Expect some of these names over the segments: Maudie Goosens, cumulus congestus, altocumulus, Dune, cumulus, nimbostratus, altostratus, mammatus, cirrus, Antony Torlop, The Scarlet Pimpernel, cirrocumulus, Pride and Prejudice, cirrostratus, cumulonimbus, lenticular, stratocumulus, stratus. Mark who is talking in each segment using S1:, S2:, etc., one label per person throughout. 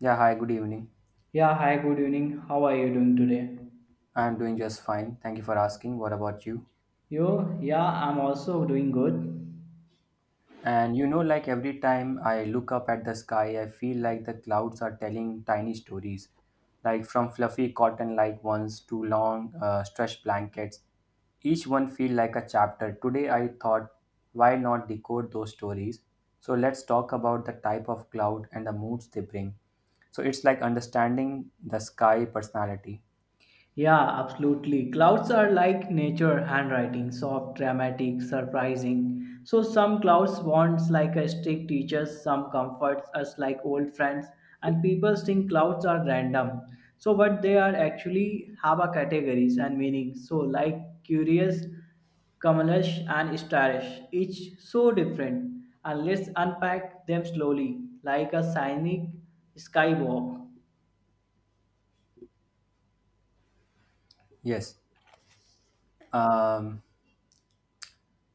S1: Yeah, hi, good evening.
S2: Yeah, hi, good evening. How are you doing today?
S1: I'm doing just fine. Thank you for asking. What about you?
S2: You? Yeah, I'm also doing good.
S1: And you know, like every time I look up at the sky, I feel like the clouds are telling tiny stories, like from fluffy cotton like ones to long stretched blankets. Each one feel like a chapter. Today I thought, why not decode those stories? So let's talk about the type of cloud and the moods they bring. So it's like understanding the sky personality.
S2: Yeah, absolutely. Clouds are like nature handwriting, soft, dramatic, surprising. So some clouds wants like a strict teachers, some comforts us like old friends, and people think clouds are random. So but they are actually have a categories and meaning. So like curious, Kamalash and Starish, each so different, and let's unpack them slowly, like a scenic skywalk.
S1: Yes. Um,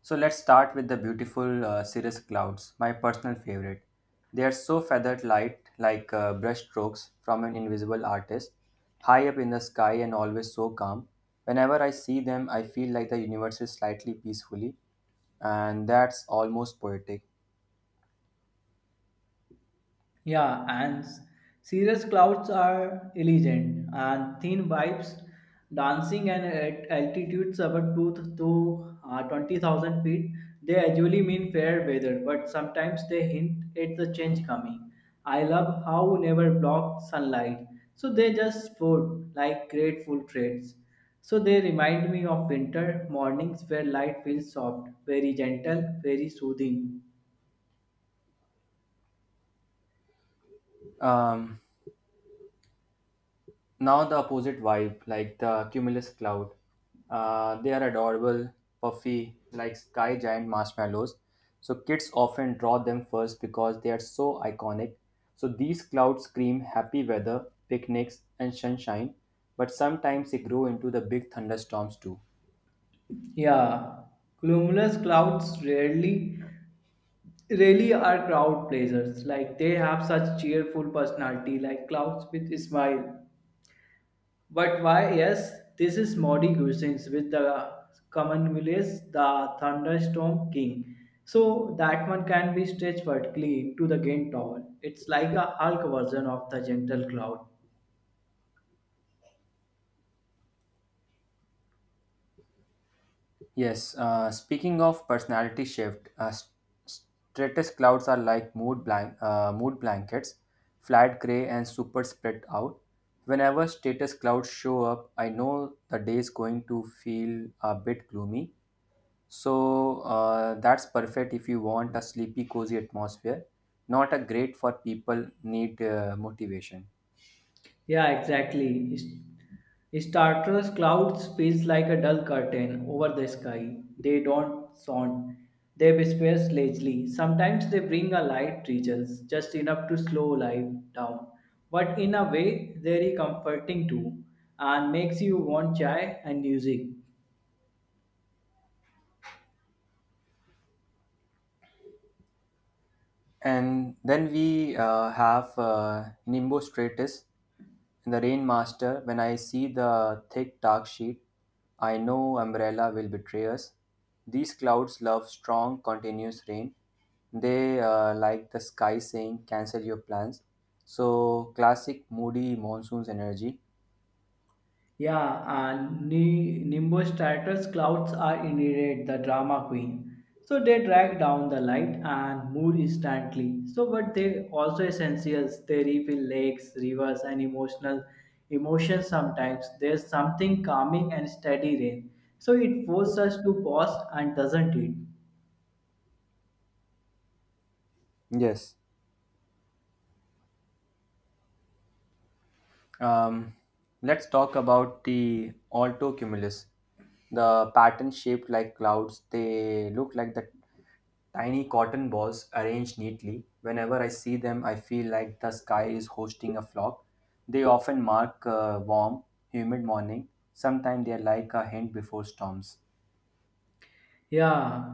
S1: So let's start with the beautiful cirrus clouds, my personal favorite. They are so feathered light, like brush strokes from an invisible artist, high up in the sky and always so calm. Whenever I see them, I feel like the universe is slightly peacefully, and that's almost poetic.
S2: Yeah, cirrus clouds are elegant and thin vibes dancing and at altitudes above two to 20,000 feet. They usually mean fair weather, but sometimes they hint at the change coming. I love how never blocked sunlight, so they just fold like grateful traits. So they remind me of winter mornings where light feels soft, very gentle, very soothing.
S1: Um, Now the opposite vibe, like the cumulus cloud. They are adorable, puffy, like sky giant marshmallows. So kids often draw them first because they are so iconic. So these clouds scream happy weather, picnics, and sunshine, but sometimes they grow into the big thunderstorms too.
S2: Yeah, cumulus clouds rarely really are crowd pleasers. Like they have such cheerful personality, like clouds with a smile. But why? Yes, this is Maudie Goosens with the cumulus, the thunderstorm king. So that one can be stretched vertically into the gain tower. It's like a Hulk version of the gentle cloud.
S1: Yes, speaking of personality shift, stratus clouds are like mood blankets, flat gray and super spread out. Whenever status clouds show up, I know the day is going to feel a bit gloomy. So that's perfect if you want a sleepy, cozy atmosphere, not a great for people need motivation.
S2: Yeah, exactly. Starter's clouds feels like a dull curtain over the sky. They don't sound. They whisper lazily. Sometimes they bring a light drizzles, just enough to slow life down. But in a way, very comforting too, and makes you want chai and music.
S1: And then we have Nimbus Stratus in the Rain Master. When I see the thick dark sheet, I know Umbrella will betray us. These clouds love strong, continuous rain. They like the sky saying, cancel your plans. So, classic moody monsoon's energy.
S2: Yeah, and Nimbus Stratus clouds are indeed the drama queen. So they drag down the light and mood instantly. So, but they also essentials. They refill lakes, rivers, and emotional emotions. Sometimes there's something calming and steady rain. So it forces us to pause and doesn't it?
S1: Yes. Um, let's talk about the alto cumulus. The pattern shaped like clouds, they look like the tiny cotton balls arranged neatly. Whenever I see them, I feel like the sky is hosting a flock. They often mark a warm, humid morning. Sometimes they are like a hint before storms.
S2: Yeah,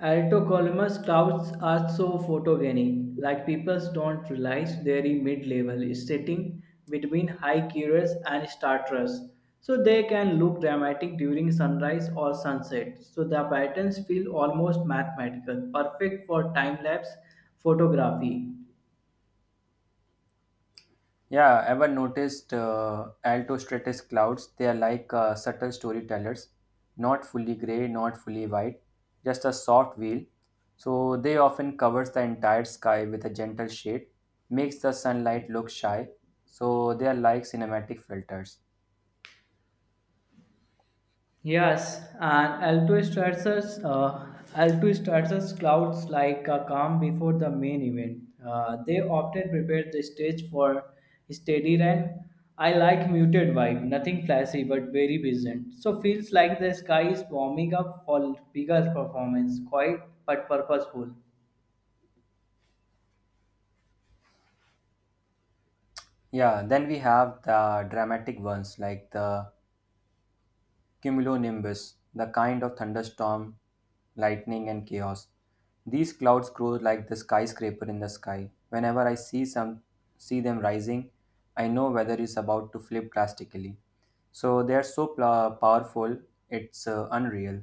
S2: Altocolomus clouds are so photogenic, like people don't realize they're in mid-level, sitting between high cirrus and starters. So they can look dramatic during sunrise or sunset. So the patterns feel almost mathematical, perfect for time-lapse photography.
S1: Yeah, ever noticed altostratus clouds? They are like subtle storytellers, not fully gray, not fully white, just a soft veil. So they often covers the entire sky with a gentle shade, makes the sunlight look shy. So they are like cinematic filters.
S2: Yes, and Alto Stratus clouds like a calm before the main event. They often prepare the stage for steady rain. I like muted vibe, nothing flashy but very pleasant. So feels like the sky is warming up for bigger performance, quiet but purposeful.
S1: Yeah, then we have the dramatic ones like the cumulonimbus, the kind of thunderstorm, lightning, and chaos. These clouds grow like the skyscraper in the sky. Whenever I see some see them rising, I know weather is about to flip drastically. So they are so pla powerful, it's unreal.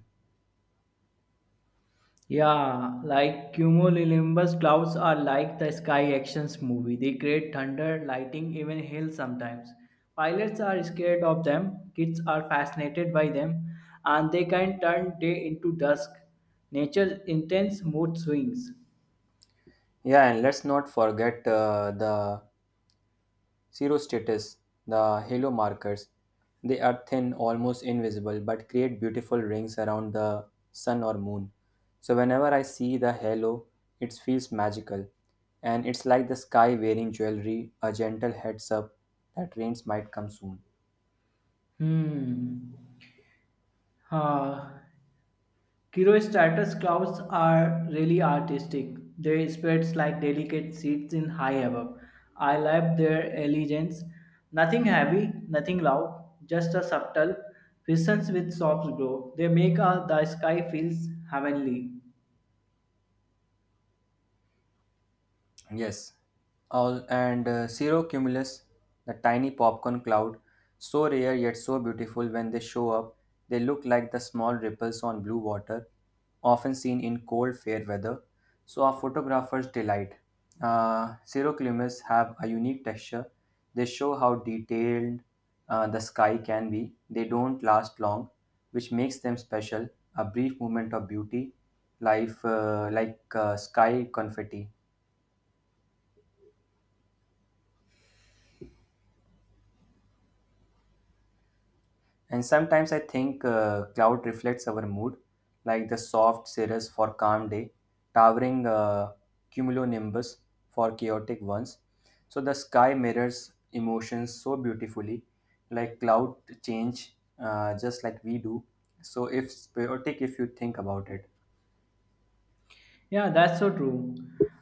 S2: Yeah, like cumulonimbus clouds are like the sky actions movie. They create thunder, lightning, even hail sometimes. Pilots are scared of them, kids are fascinated by them, and they can turn day into dusk. Nature's intense mood swings.
S1: Yeah, and let's not forget the zero status, the halo markers. They are thin, almost invisible, but create beautiful rings around the sun or moon. So whenever I see the halo, it feels magical, and it's like the sky wearing jewelry, a gentle heads up that rains might come soon.
S2: Hmm. Ah. Cirrostratus clouds are really artistic. They spread like delicate seeds in high above. I love their elegance. Nothing heavy, nothing loud, just a subtle presence with soft glow. They make the sky feels heavenly.
S1: Yes, all and cirrocumulus, the tiny popcorn cloud, so rare yet so beautiful when they show up. They look like the small ripples on blue water, often seen in cold fair weather. So our photographers delight. Cirrocumulus have a unique texture. They show how detailed the sky can be. They don't last long, which makes them special. A brief moment of beauty, life like sky confetti. And sometimes I think cloud reflects our mood, like the soft cirrus for calm day, towering cumulonimbus for chaotic ones. So the sky mirrors emotions so beautifully, like cloud change, just like we do. So if it's chaotic, if you think about it,
S2: Yeah, that's so true.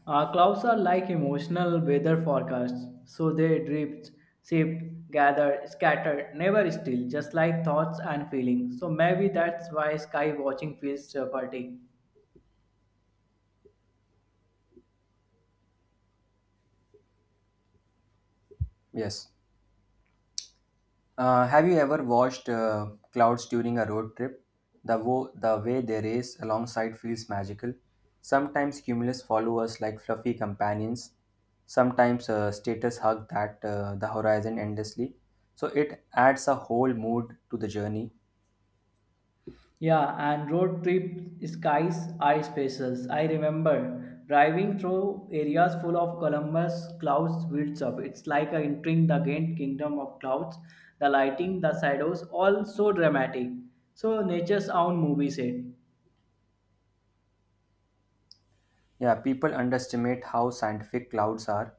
S2: Clouds are like emotional weather forecasts, so they drift, shift, gather, scatter, never still, just like thoughts and feelings. So maybe that's why sky watching feels therapeutic.
S1: yes. Have you ever watched clouds during a road trip? The way they race alongside feels magical. Sometimes cumulus follow us like fluffy companions. Sometimes status hug that the horizon endlessly. So it adds a whole mood to the journey.
S2: Yeah, and road trip skies are special. I remember driving through areas full of Columbus clouds builds up. It's like entering the great kingdom of clouds. The lighting, the shadows, all so dramatic. So nature's own movie set.
S1: Yeah, people underestimate how scientific clouds are,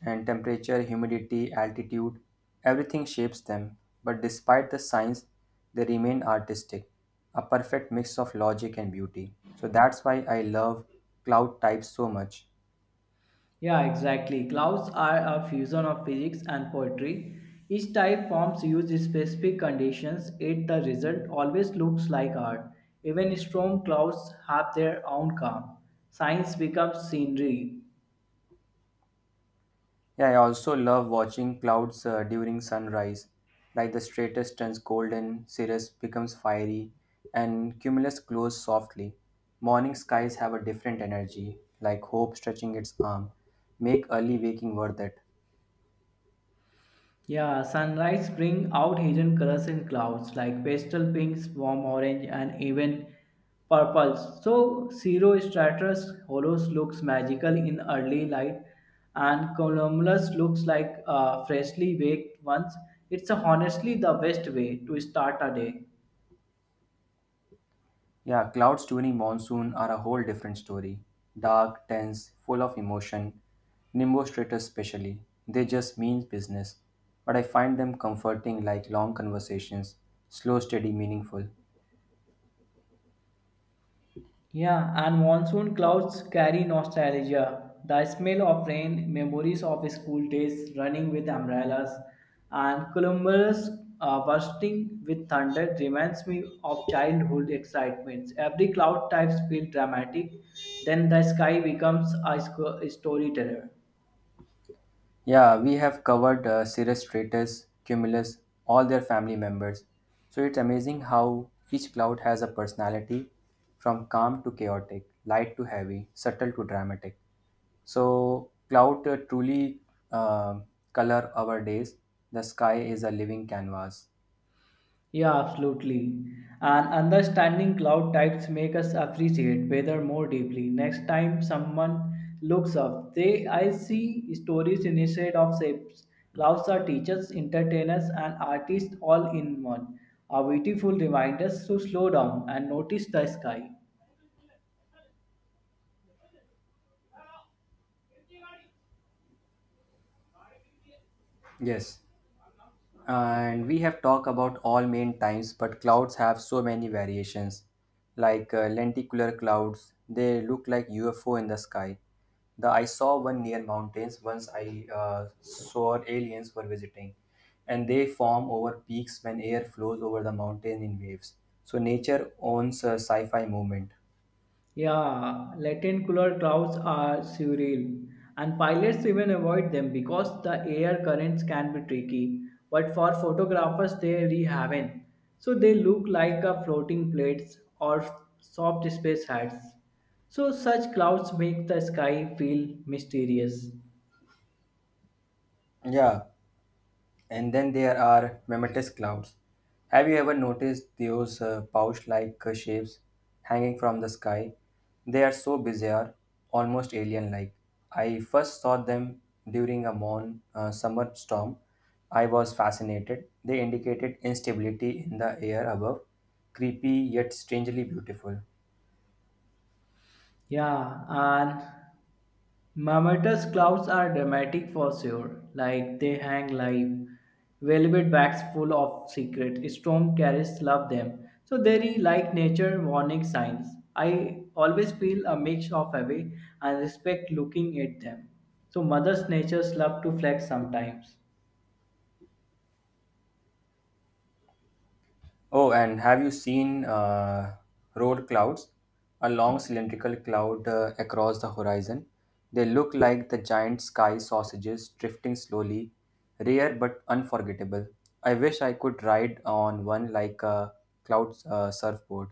S1: and temperature, humidity, altitude, everything shapes them. But despite the science, they remain artistic, a perfect mix of logic and beauty. So that's why I love cloud types so much.
S2: Yeah, exactly. Clouds are a fusion of physics and poetry. Each type forms use specific conditions, yet the result always looks like art. Even storm clouds have their own calm. Science becomes scenery.
S1: Yeah, I also love watching clouds during sunrise, like the stratus turns golden, cirrus becomes fiery, and cumulus glows softly. Morning skies have a different energy, like hope stretching its arm, make early waking worth it.
S2: Yeah, sunrise bring out hidden colors in clouds like pastel pinks, warm orange, and even purples. So Cirro stratus hollows looks magical in early light, and cumulus looks like freshly baked ones. It's honestly the best way to start a day.
S1: Yeah, clouds during monsoon are a whole different story, dark, tense, full of emotion. Nimbostratus especially, they just mean business, but I find them comforting, like long conversations, slow, steady, meaningful.
S2: Yeah, and monsoon clouds carry nostalgia. The smell of rain, memories of school days, running with umbrellas, and Columbus bursting with thunder reminds me of childhood excitements. Every cloud type feels dramatic, then the sky becomes a storyteller.
S1: Yeah, we have covered Cirrus Stratus, Cumulus, all their family members. So it's amazing how each cloud has a personality from calm to chaotic, light to heavy, subtle to dramatic. So cloud truly uh, color our days. The sky is a living canvas.
S2: Yeah, absolutely. And understanding cloud types make us appreciate weather more deeply. Next time someone looks up, they I see stories instead of shapes. Clouds are teachers, entertainers, and artists all in one. A beautiful reminders to slow down and notice the sky.
S1: Yes. And we have talked about all main times, but clouds have so many variations. Like lenticular clouds, they look like UFO in the sky. The I saw one near mountains once I saw aliens were visiting, and they form over peaks when air flows over the mountain in waves. So nature owns a sci-fi movement.
S2: Yeah, Latin cooler clouds are surreal, and pilots even avoid them because the air currents can be tricky. But for photographers, they really haven't. So they look like a floating plates or soft space hats. So such clouds make the sky feel mysterious.
S1: Yeah, and then there are memetis clouds. Have you ever noticed those pouch like shapes hanging from the sky? They are so bizarre, almost alien like. I first saw them during a summer storm. I was fascinated. They indicated instability in the air above, creepy yet strangely beautiful.
S2: Yeah, and Mammatus clouds are dramatic for sure, like they hang live. Velvet bags full of secret. Storm carriers love them. So they're like nature warning signs. I always feel a mix of awe and respect looking at them. So mothers natures love to flex sometimes.
S1: Oh, and have you seen road clouds? A long cylindrical cloud across the horizon. They look like the giant sky sausages drifting slowly, rare but unforgettable. I wish I could ride on one like a cloud surfboard.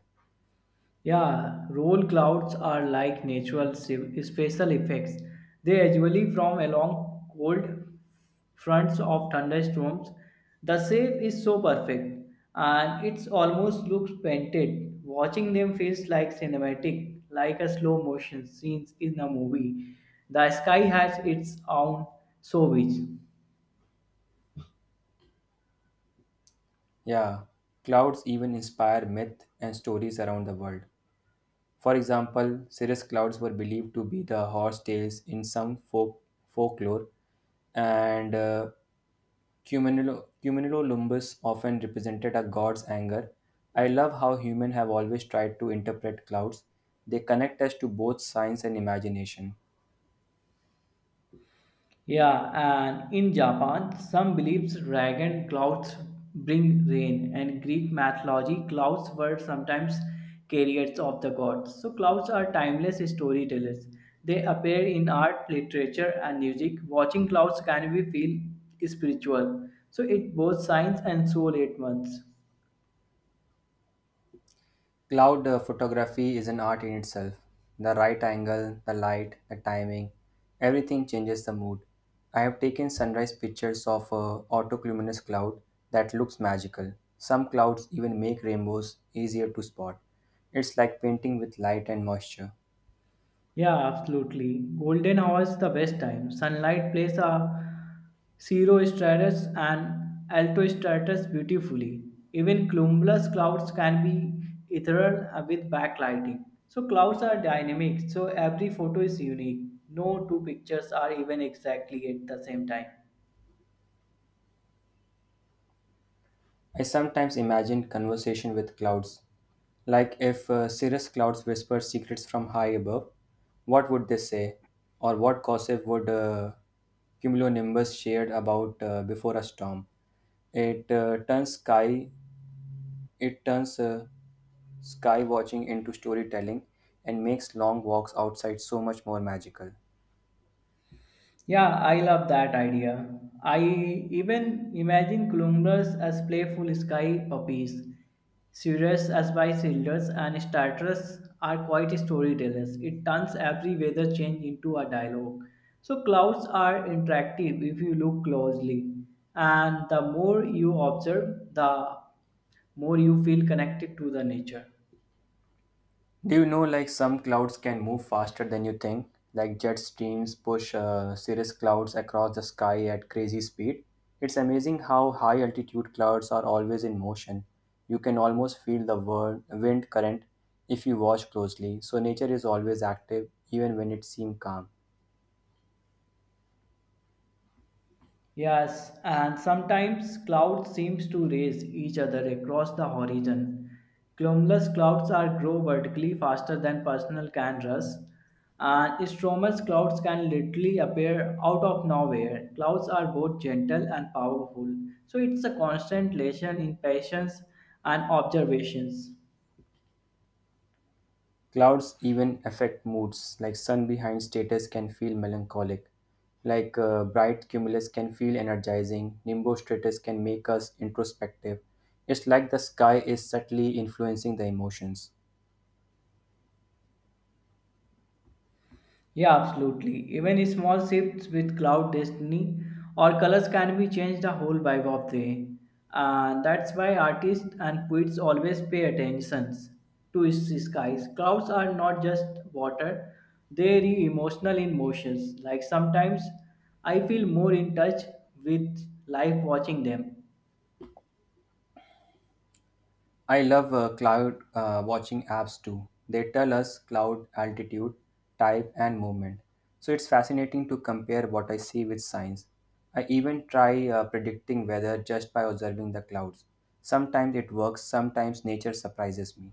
S2: Yeah, roll clouds are like natural special effects. They usually form along cold fronts of thunderstorms. The shape is so perfect and it almost looks painted. Watching them feels like cinematic, like a slow motion scenes in a movie. The sky has its own so which.
S1: Yeah, clouds even inspire myth and stories around the world. For example, cirrus clouds were believed to be the horse tails in some folklore, and cumulonimbus often represented a god's anger. I love how humans have always tried to interpret clouds. They connect us to both science and imagination.
S2: Yeah, and in Japan, some believes dragon clouds bring rain, and Greek mythology clouds were sometimes carriers of the gods. So clouds are timeless storytellers. They appear in art, literature, and music. Watching clouds can be feel spiritual. So it both science and soul at once.
S1: Cloud photography is an art in itself. The right angle, the light, the timing, everything changes the mood. I have taken sunrise pictures of a autocumulus cloud that looks magical. Some clouds even make rainbows easier to spot. It's like painting with light and moisture.
S2: Yeah, absolutely. Golden hour is the best time. Sunlight plays a zero stratus and alto stratus beautifully. Even cumulus clouds can be ethereal with backlighting. So clouds are dynamic, so every photo is unique. No two pictures are even exactly at the same time.
S1: I sometimes imagine conversation with clouds. Like if cirrus clouds whisper secrets from high above, what would they say? Or what gossip would cumulonimbus shared about before a storm? It turns sky, it turns sky watching into storytelling and makes long walks outside so much more magical.
S2: Yeah, I love that idea. I even imagine columbus as playful sky puppies, cirrus as wise elders, and starters are quite storytellers. It turns every weather change into a dialogue. So clouds are interactive if you look closely, and the more you observe, the more you feel connected to the nature.
S1: Do you know, like some clouds can move faster than you think? Like jet streams push cirrus clouds across the sky at crazy speed. It's amazing how high altitude clouds are always in motion. You can almost feel the wind current if you watch closely. So nature is always active, even when it seems calm.
S2: Yes, and sometimes clouds seems to race each other across the horizon. Cumulus clouds are grow vertically faster than personal can rust, and stromous clouds can literally appear out of nowhere. Clouds are both gentle and powerful, so it's a constant lesson in patience and observations.
S1: Clouds even affect moods, like sun behind status can feel melancholic, like bright cumulus can feel energizing, nimbostratus can make us introspective. It's like the sky is subtly influencing the emotions.
S2: Yeah, absolutely. Even small shifts with cloud destiny or colors can be changed the whole vibe of the day. That's why artists and poets always pay attention to its skies. Clouds are not just water, they are emotional in motions. Like sometimes I feel more in touch with life watching them.
S1: I love cloud watching apps too. They tell us cloud altitude, type, and movement. So it's fascinating to compare what I see with science. I even try predicting weather just by observing the clouds. Sometimes it works, sometimes nature surprises me.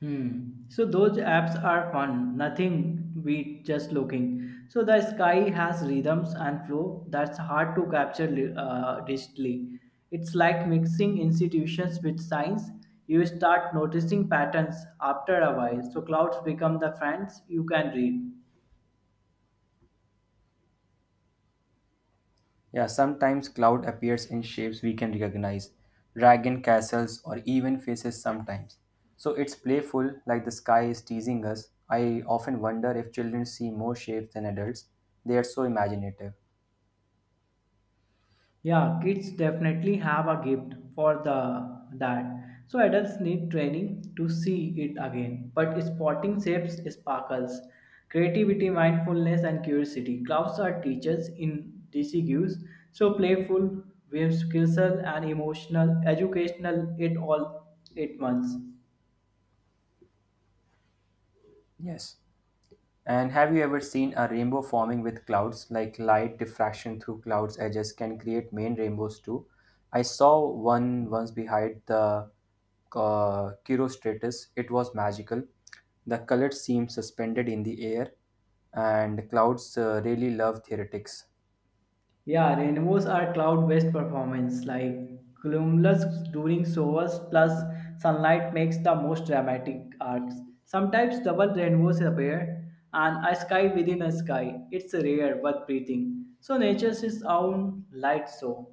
S2: Hmm. So those apps are fun. Nothing beat just looking. So the sky has rhythms and flow that's hard to capture digitally. It's like mixing institutions with science. You start noticing patterns after a while. So clouds become the friends you can read.
S1: Yeah, sometimes cloud appears in shapes we can recognize, dragon castles, or even faces sometimes. So it's playful, like the sky is teasing us. I often wonder if children see more shapes than adults. They are so imaginative.
S2: Yeah, kids definitely have a gift for the that. So adults need training to see it again. But spotting shapes sparkles, creativity, mindfulness, and curiosity. Clouds are teachers in DCQs. So playful, whimsical, and emotional, educational. It all 8 months.
S1: Yes. And have you ever seen a rainbow forming with clouds? Like light diffraction through clouds' edges can create main rainbows too. I saw one once behind the Chirostratus. It was magical. The colors seemed suspended in the air, and clouds really love theoretics.
S2: Yeah, rainbows are cloud-based performance, like cumulus during showers plus sunlight makes the most dramatic arcs. Sometimes double rainbows appear, and a sky within a sky. It's rare but breathing. So nature's its own light show.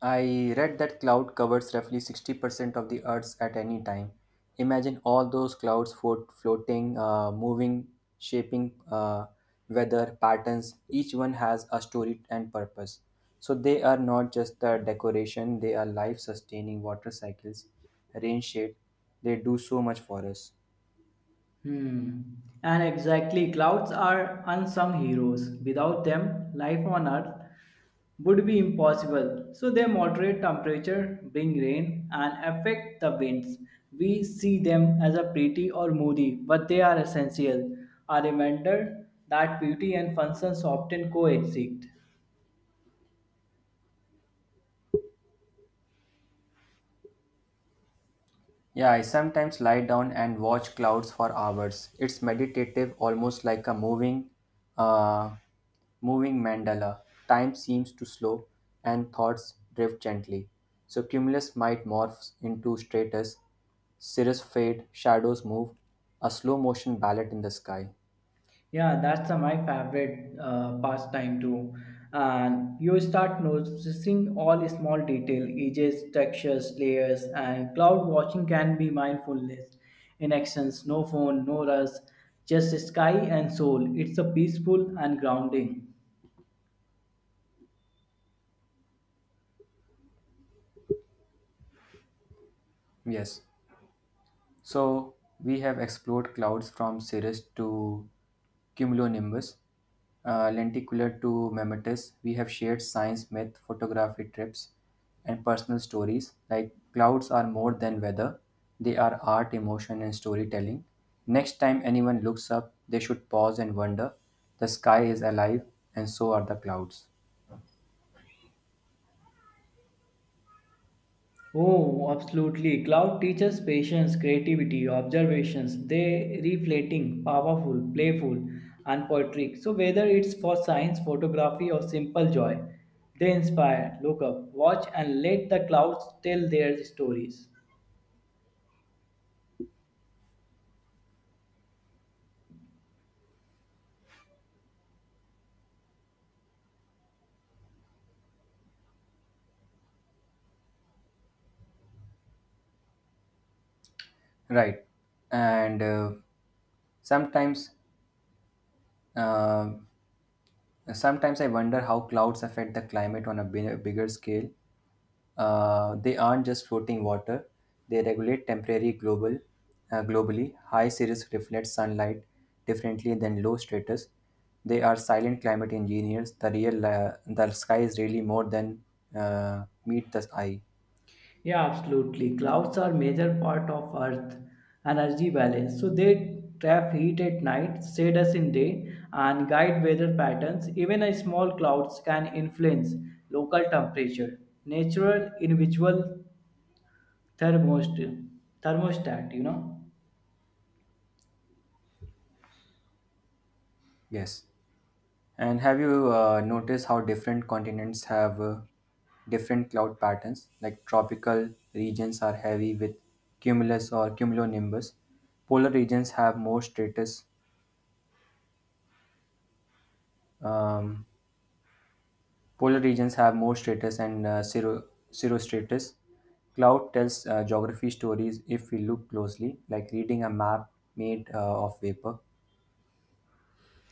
S1: I read that cloud covers roughly 60% of the Earth's at any time. Imagine all those floating, moving, shaping weather patterns. Each one has a story and purpose. So they are not just the decoration, they are life sustaining water cycles, rain shade. They do so much for us.
S2: Hmm. And exactly, clouds are unsung heroes. Without them, life on Earth would be impossible. So they moderate temperature, bring rain, and affect the winds. We see them as a pretty or moody, but they are essential. A reminder that beauty and functions often coexist.
S1: Yeah, I sometimes lie down and watch clouds for hours. It's meditative, almost like a uh, moving mandala. Time seems to slow, and thoughts drift gently. So cumulus might morphs into stratus, cirrus fade, shadows move, a slow motion ballet in the sky.
S2: Yeah, that's my favorite pastime too. And you start noticing all small detail, edges, textures, layers, and cloud watching can be mindfulness. In actions, no phone, no rush, just sky and soul. It's a peaceful and grounding.
S1: Yes. So, we have explored clouds from cirrus to cumulonimbus, lenticular to mammatus. We have shared science, myth, photography trips, and personal stories. Like clouds are more than weather, they are art, emotion, and storytelling. Next time anyone looks up, they should pause and wonder the sky is alive, and so are the clouds.
S2: Oh, absolutely. Cloud teaches patience, creativity, observations. They reflecting, powerful, playful, and poetic. So whether it's for science, photography, or simple joy, they inspire. Look up, watch, and let the clouds tell their stories.
S1: Right. And sometimes. Uh, Sometimes I wonder how clouds affect the climate on a bigger scale. They aren't just floating water; they regulate globally. High cirrus reflects sunlight differently than low stratus. They are silent climate engineers. The sky is really more than meet the eye.
S2: Yeah, absolutely. Clouds are major part of Earth energy balance. So they trap heat at night, shade us in day, and guide weather patterns. Even a small clouds can influence local temperature. Natural invisible thermostat, thermostat, you know.
S1: Yes. And have you noticed how different continents have different cloud patterns? Like tropical regions are heavy with cumulus or cumulonimbus. Polar regions have more stratus. Um, Polar regions have more stratus and cirrostratus. Cloud tells geography stories if we look closely, like reading a map made of vapor.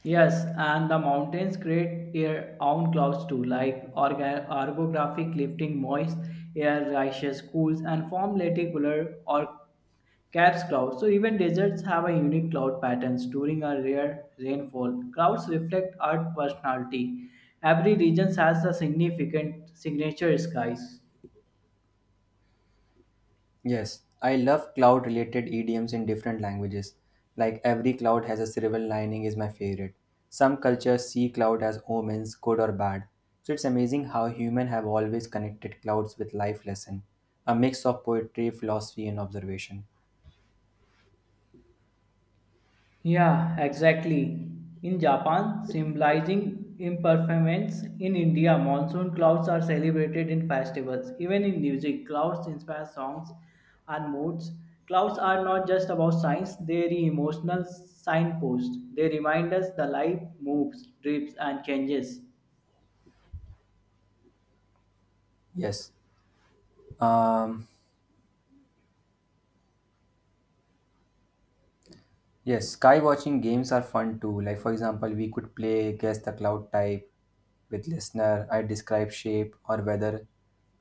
S2: Yes, and the mountains create their own clouds too, like orographic lifting moist air rises, cools, and form lenticular or caps clouds. So even deserts have a unique cloud patterns during a rare rainfall. Clouds reflect Earth personality. Every region has a significant signature skies.
S1: Yes, I love cloud related idioms in different languages. Like every cloud has a silver lining is my favorite. Some cultures see cloud as omens, good or bad. So it's amazing how humans have always connected clouds with life lesson, a mix of poetry, philosophy and observation.
S2: Yeah, exactly. In Japan, symbolizing impermanence, in India, monsoon clouds are celebrated in festivals. Even in music, clouds inspire songs and moods. Clouds are not just about signs, they are emotional signposts. They remind us the life moves, drifts, and changes.
S1: Yes. Um Yes, sky watching games are fun too. Like for example, we could play guess the cloud type with listener. I describe shape or weather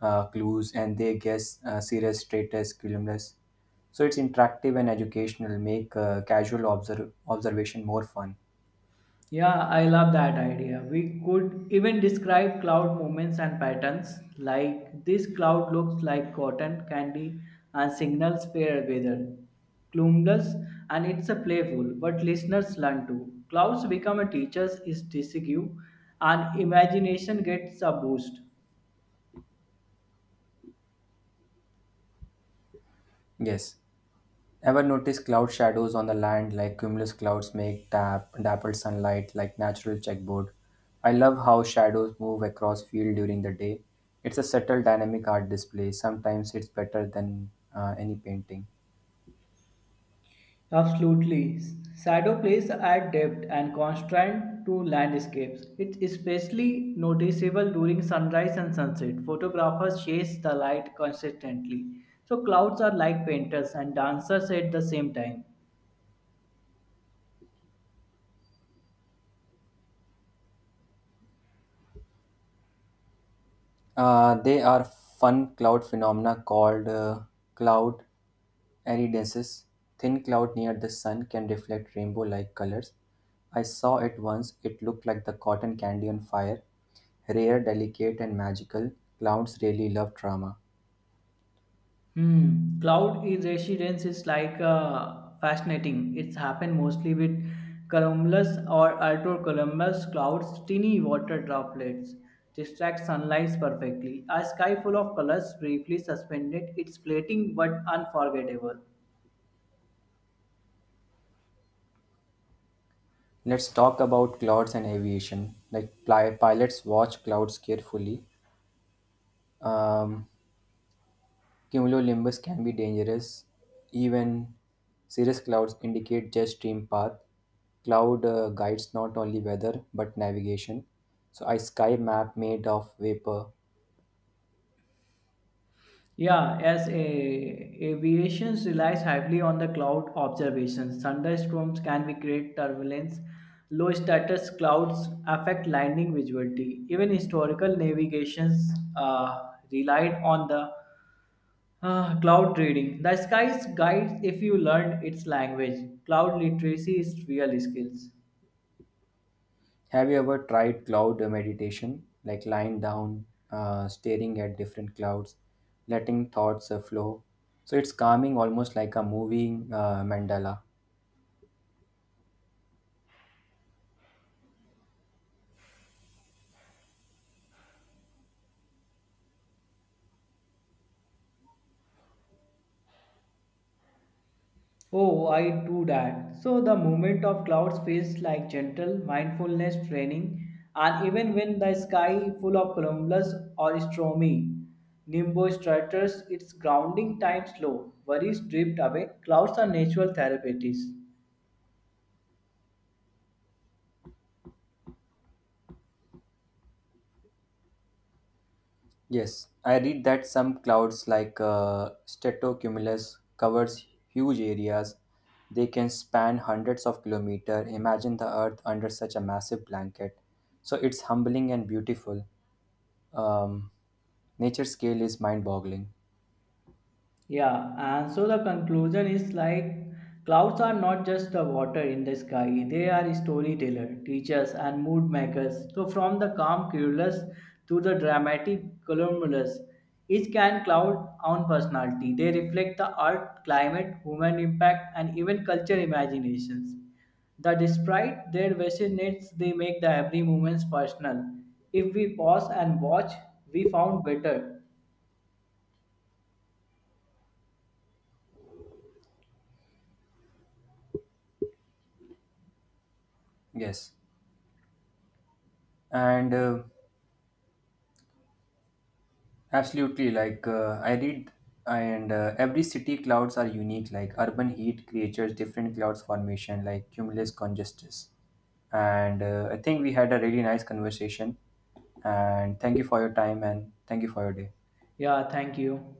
S1: clues, and they guess serious, straightest, columnist. So it's interactive and educational. Make casual observation more fun.
S2: Yeah, I love that idea. We could even describe cloud movements and patterns like this cloud looks like cotton candy and signals fair weather. Cumulus and it's a playful, but listeners learn too. Clouds become a teacher's is disgu and imagination gets a boost.
S1: Yes. Ever notice cloud shadows on the land like cumulus clouds make dappled sunlight like natural checkboard? I love how shadows move across field during the day. It's a subtle dynamic art display. Sometimes it's better than any painting.
S2: Absolutely. Shadow plays add depth and contrast to landscapes. It's especially noticeable during sunrise and sunset. Photographers chase the light consistently. So clouds are like painters and dancers at the same time.
S1: They are fun cloud phenomena called cloud iridences. Thin cloud near the sun can reflect rainbow-like colors. I saw it once. It looked like the cotton candy on fire. Rare, delicate, and magical. Clouds really love drama.
S2: Hmm. Cloud is residence is like fascinating. It's happened mostly with cumulus or ultracumulus clouds. Tiny water droplets distract sunlight perfectly. A sky full of colors briefly suspended. It's fleeting but unforgettable.
S1: Let's talk about clouds and aviation. Like pilots watch clouds carefully. Um, Cumulonimbus can be dangerous. Even cirrus clouds indicate just stream path. Cloud guides not only weather but navigation. So a sky map made of vapor.
S2: Yeah, aviation relies heavily on the cloud observations, thunderstorms can be create turbulence. Low status clouds affect landing visibility. Even historical navigations relied on the cloud reading. The sky's guides if you learn its language. Cloud literacy is real skills.
S1: Have you ever tried cloud meditation, like lying down, staring at different clouds, letting thoughts flow? So it's calming, almost like a moving mandala.
S2: Oh, I do that. So the movement of clouds feels like gentle mindfulness training, and even when the sky full of cumulus or stormy nimbus-stratus, it's grounding time slow. Worries drift away. Clouds are natural therapies.
S1: Yes, I read that some clouds like stratocumulus covers huge areas. They can span hundreds of kilometers. Imagine the earth under such a massive blanket. So it's humbling and beautiful. Um, Nature scale is mind-boggling.
S2: Yeah, and so the conclusion is like clouds are not just the water in the sky, they are storyteller, teachers, and mood makers. So, from the calm cumulus to the dramatic cumulus, each can cloud own personality. They reflect the art, climate, human impact, and even culture imaginations. That despite their vicinates, they make the every moment personal. If we pause and watch, we found better.
S1: Yes. And Absolutely. Like I read, and every city clouds are unique. Like urban heat creatures different clouds formation, like cumulus congestus. And I think we had a really nice conversation. And thank you for your time, and thank you for your day.
S2: Yeah, thank you.